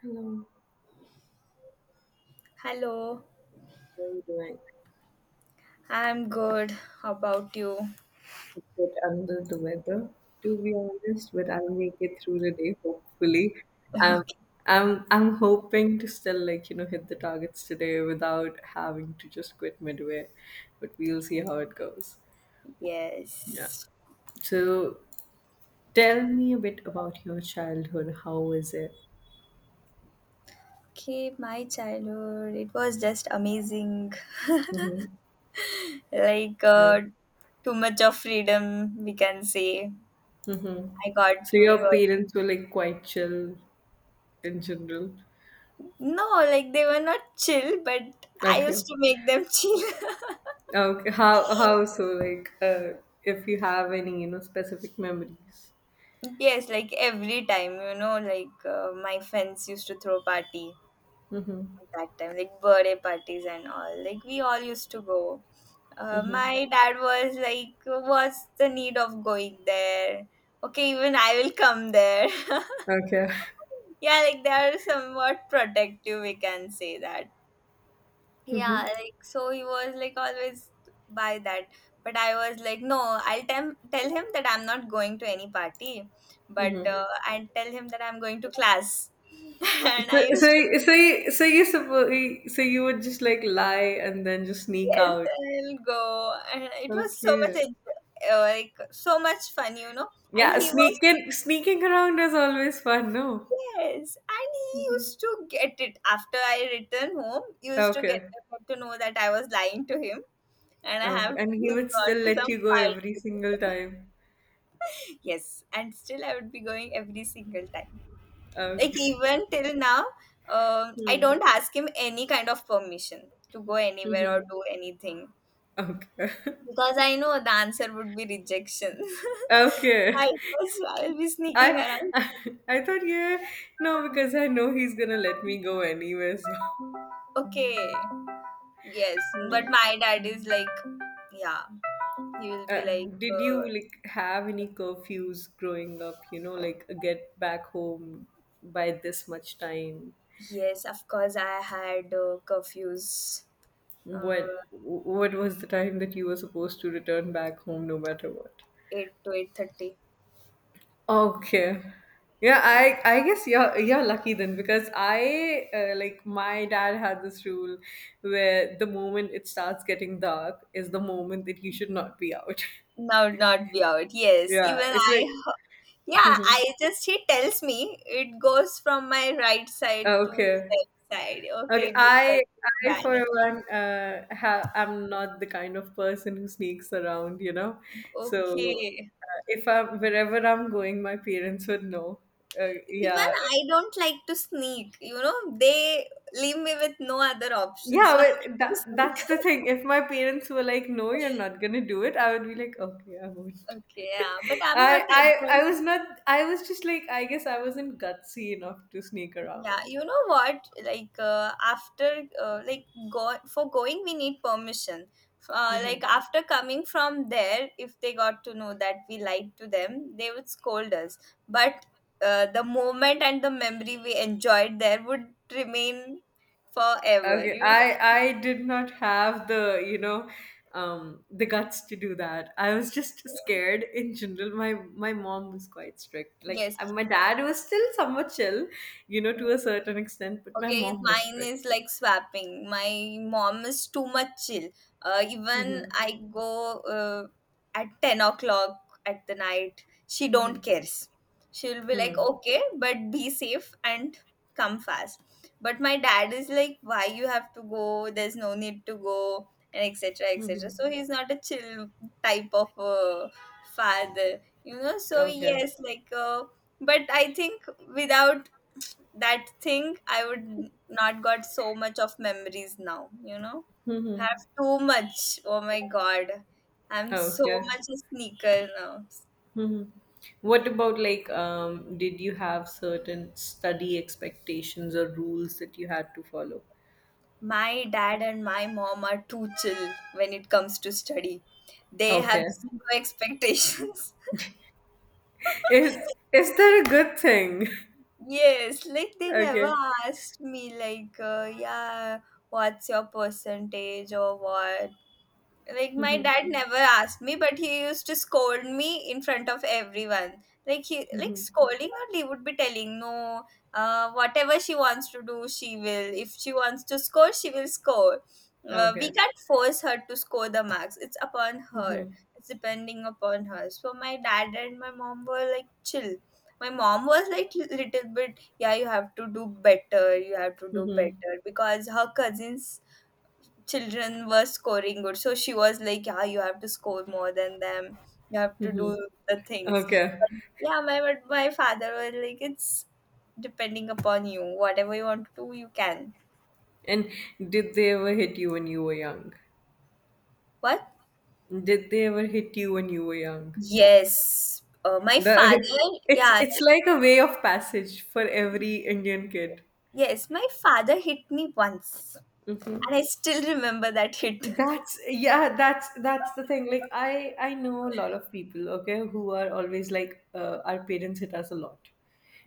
Hello, Hello, how are you doing? I'm good. How about you? A bit under the weather, to be honest, but I'll make it through the day, hopefully. Um, Okay, I'm hoping to still like, hit the targets today without having to just quit midway, but we'll see how it goes. Yeah. yes. So tell me a bit about your childhood. How was it? Okay, my childhood, it was just amazing. Mm-hmm. Like, Yeah. uh, too much of freedom, we can say. Mm-hmm. I got So during your all. parents were like quite chill in general. No, like, they were not chill, but I Okay. used to make them chill. Okay, how so? Like, if you have any, specific memories. Yes, like every time, you know, my friends used to throw party Mm-hmm. at that time, like birthday parties and all. Like we all used to go. My dad was like, "What's the need of going there? Okay, even I will come there." Okay. Yeah, like they are somewhat protective. We can say that. Yeah, Mm-hmm. like so he was like always by that. But I was like, no, tell him that I'm not going to any party, but Mm-hmm. I tell him that I'm going to class. So, And I used to, so, so, you- so you you would just like lie and then just sneak yes, out. I'll go. And it was Okay. Like, so much fun, you know. And Yeah, he was. sneaking around is always fun, no? Yes, and he used to get it after I returned home. He used to get Okay. to know that I was lying to him and I Okay. have And he would still gone to let some you go every party. single time. Yes, and still I would be going every single time. Like Okay. even till now, I Hmm. don't ask him any kind of permission to go anywhere or Mm-hmm. do anything Okay. because I know the answer would be rejection. Okay. I'll be I, sneaking around. I I thought, yeah, no, because I know he's gonna let me go anywhere so. Okay, yes, but Yeah. my dad is like, yeah, you will uh, be like, did you like have any curfews growing up, you know, like, get back home by this much time? yes, of course, I had curfews, what uh, what was the time that you were supposed to return back home no matter what? 8 to 8:30. Okay. Yeah, I guess you're lucky then, because I, like, my dad had this rule where the moment it starts getting dark is the moment that you should not be out. Now not be out. Yes, Yeah, even it's like I, yeah, Mhm. He tells me it goes from my right side to Okay. left side. Okay, Okay, this I side gets I for banning. one ha I'm not the kind of person who sneaks around, you know. So Okay. If I'm, wherever I'm going, my parents would know. Even Yeah. I don't like to sneak, you know, they leave me with no other option. So I Yeah, have but to that, that's sneak. the thing. If my parents were like, "No, you're not gonna do it," I would be like, "Okay, I won't." Okay, yeah, but I'm not I that I I was bad. not. I was just like, I guess I wasn't gutsy enough to sneak Yeah, around. you know what? Like go for going, we need permission. Hmm. Like after coming from there, if they got to know that we lied to them, they would scold us. But the moment and the memory we enjoyed there would remain forever. Okay, You I did not have the, you know, the guts to do that. I was just know? scared in general. My mom was quite strict. Like, Yes. my dad was still somewhat chill, you know, to a certain extent, but my Okay, mom was mine strict. is like swapping. My mom is too much chill. Even Mm-hmm. I go at 10 o'clock at the night, she Mm-hmm. don't cares. She'll be like, okay, but be safe and come fast. But my dad is like, why you have to go? There's no need to go, and etc. Mm-hmm. etc. So he's not a chill type of father, you know. So Okay. yes, but I think without that thing I would not got so much of memories now, you know, Mm-hmm. have too much. Oh my god, I'm so Okay. much a sneaker now. Mm-hmm. What about, like, did you have certain study expectations or rules that you had to follow? My dad and my mom are too chill when it comes to study. They have Okay. zero expectations. Is that a good thing? Yes, like they never Okay. asked me yeah, what's your percentage or what. Like my dad never asked me, but he used to scold me in front of everyone. Like he like Mm-hmm. scolding or he would be telling no, whatever she wants to do, she will. If she wants to score, she will score. We Okay. can't force her to score the marks. It's upon her. Mm-hmm. It's depending upon her. So my dad and my mom were like chill. My mom was like little bit, yeah, you have to do better. You have to do Mm-hmm. better because her cousins children were scoring good. So she was like, yeah, you have to score more than them. You have to do Mm-hmm. the things. Okay. But my father was like, it's depending upon you. Whatever you want to do, you can. And did they ever hit you when you were young? What? Did they ever hit you when you were young? Yes. My father, The yeah, it's like, like a way of passage for every Indian kid. yes, my father hit me once. Mm-hmm. And I still remember that hit. That's yeah, that's the thing. Like I know a lot of people, okay, who are always like, our parents hit us a lot.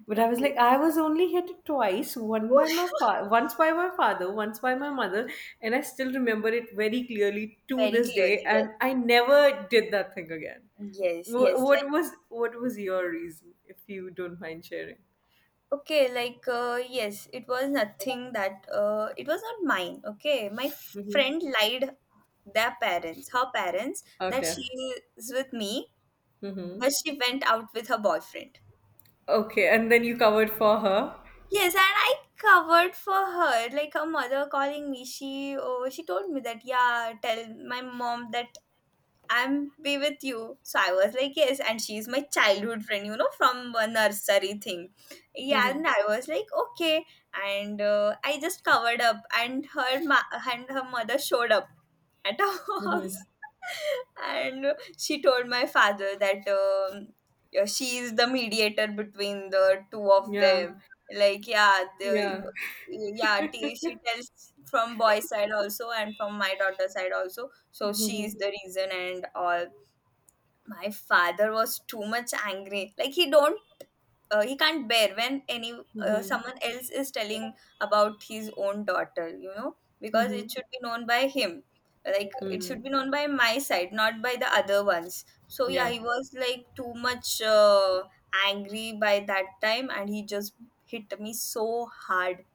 But I was Okay. like, I was only hit twice, one by my once by my father, once by my mother, and I still remember it very clearly to Very this clearly, day. yes. And I never did that thing again. Yes, yes. Wh- Like, What was what was your reason, if you don't mind sharing? okay, yes, it was nothing that it was not mine. Okay, Mm-hmm. friend lied their parents, her parents, that she Okay. is with me, Mm-hmm. but she went out with her boyfriend. Okay, and then you covered for her. Yes, and I covered for her. Like her mother calling me, she oh, she told me that yeah, tell my mom that I'm be with you. So I was like, yes. And she's my childhood friend, you know, from a nursery thing. Yeah. Mm-hmm. And I was like, okay. And I just covered up and and her mother showed up at our house. Mm-hmm. And she told my father that yeah, she is the mediator between the two of Yeah. them. Like, yeah, Yeah. the, she tells from boy side also and from my daughter side also. So she Mhm. is the reason and all. My father was too much angry. He can't bear when any Mhm. someone else is telling about his own daughter, you know, because Mhm. it should be known by him, like it Mhm. should be known by my side, not by the other ones. So yeah, Yeah. he was like too much angry by that time and he just hit me so hard,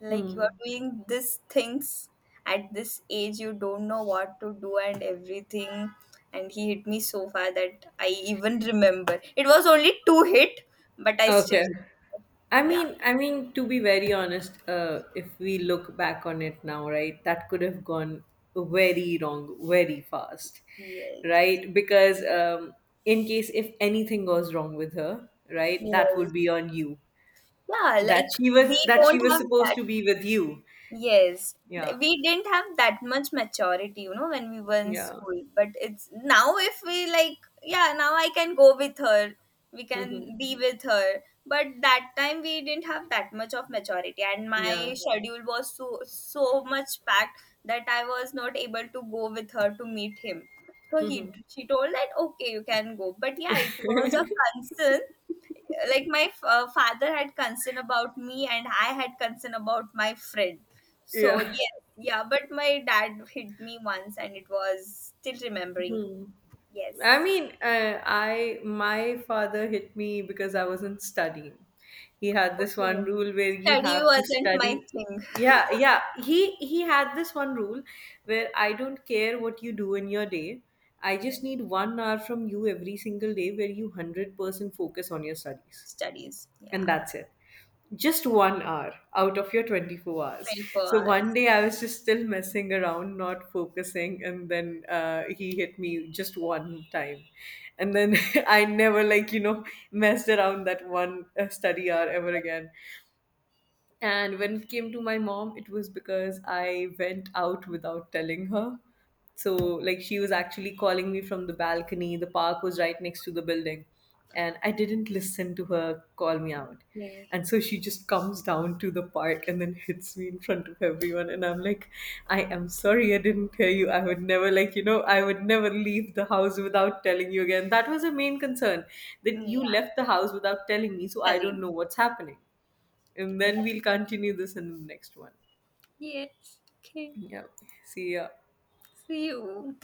like you are Hmm. doing these things at this age, you don't know what to do and everything. And he hit me so far that I even remember. It was only two hit, but I still, Okay. Yeah, to be very honest, if we look back on it now, right, that could have gone very wrong very fast, yes, right? Because in case if anything goes wrong with her, right, that yes. would be on you. Yeah, That like she was we that she don't was have supposed that. to be with you. Yes, Yeah. we didn't have that much maturity, you know, when we were in Yeah. school. But it's now if we like, yeah, now I can go with her, we Hmm. can be with her. But that time we didn't have that much of maturity, and Yeah. my schedule was so much packed that I was not able to go with her to meet him. So Hmm. he she told that okay, you can go, but yeah, it was a concern, like my father had concern about me and I had concern about my friend. So Yeah. yes, yeah, but my dad hit me once and it was still remembering. Hmm. I Yes, mean, I, my father hit me because I wasn't studying. He had this one okay, rule where you study have to wasn't my study. thing. Yeah, yeah. He had this one rule where I don't care what you do in your day. I Yeah. just need one hour from you every single day, where you 100% focus on your studies, Studies, yeah. and that's it, just one hour out of your 24 hours. 24 So one hours. day I was just still messing around, not focusing, and then, he hit me just one time, and then I never, like, you know, messed around that one, study hour ever again. And when it came to my mom, it was because I went out without telling her. So, like, she was actually calling me from the balcony. The park was right next to the building. And I didn't listen to her call me out. Okay, And so she just comes down to the park and then hits me in front of everyone. And I'm like, I am sorry I didn't hear you. I would never, like, you know, I would never leave the house without telling you again. That was her main concern, that you yeah, left the house without telling me. So I don't telling. know what's happening. And then we'll continue this in the next one. Yes, okay, Yeah. See ya. see you.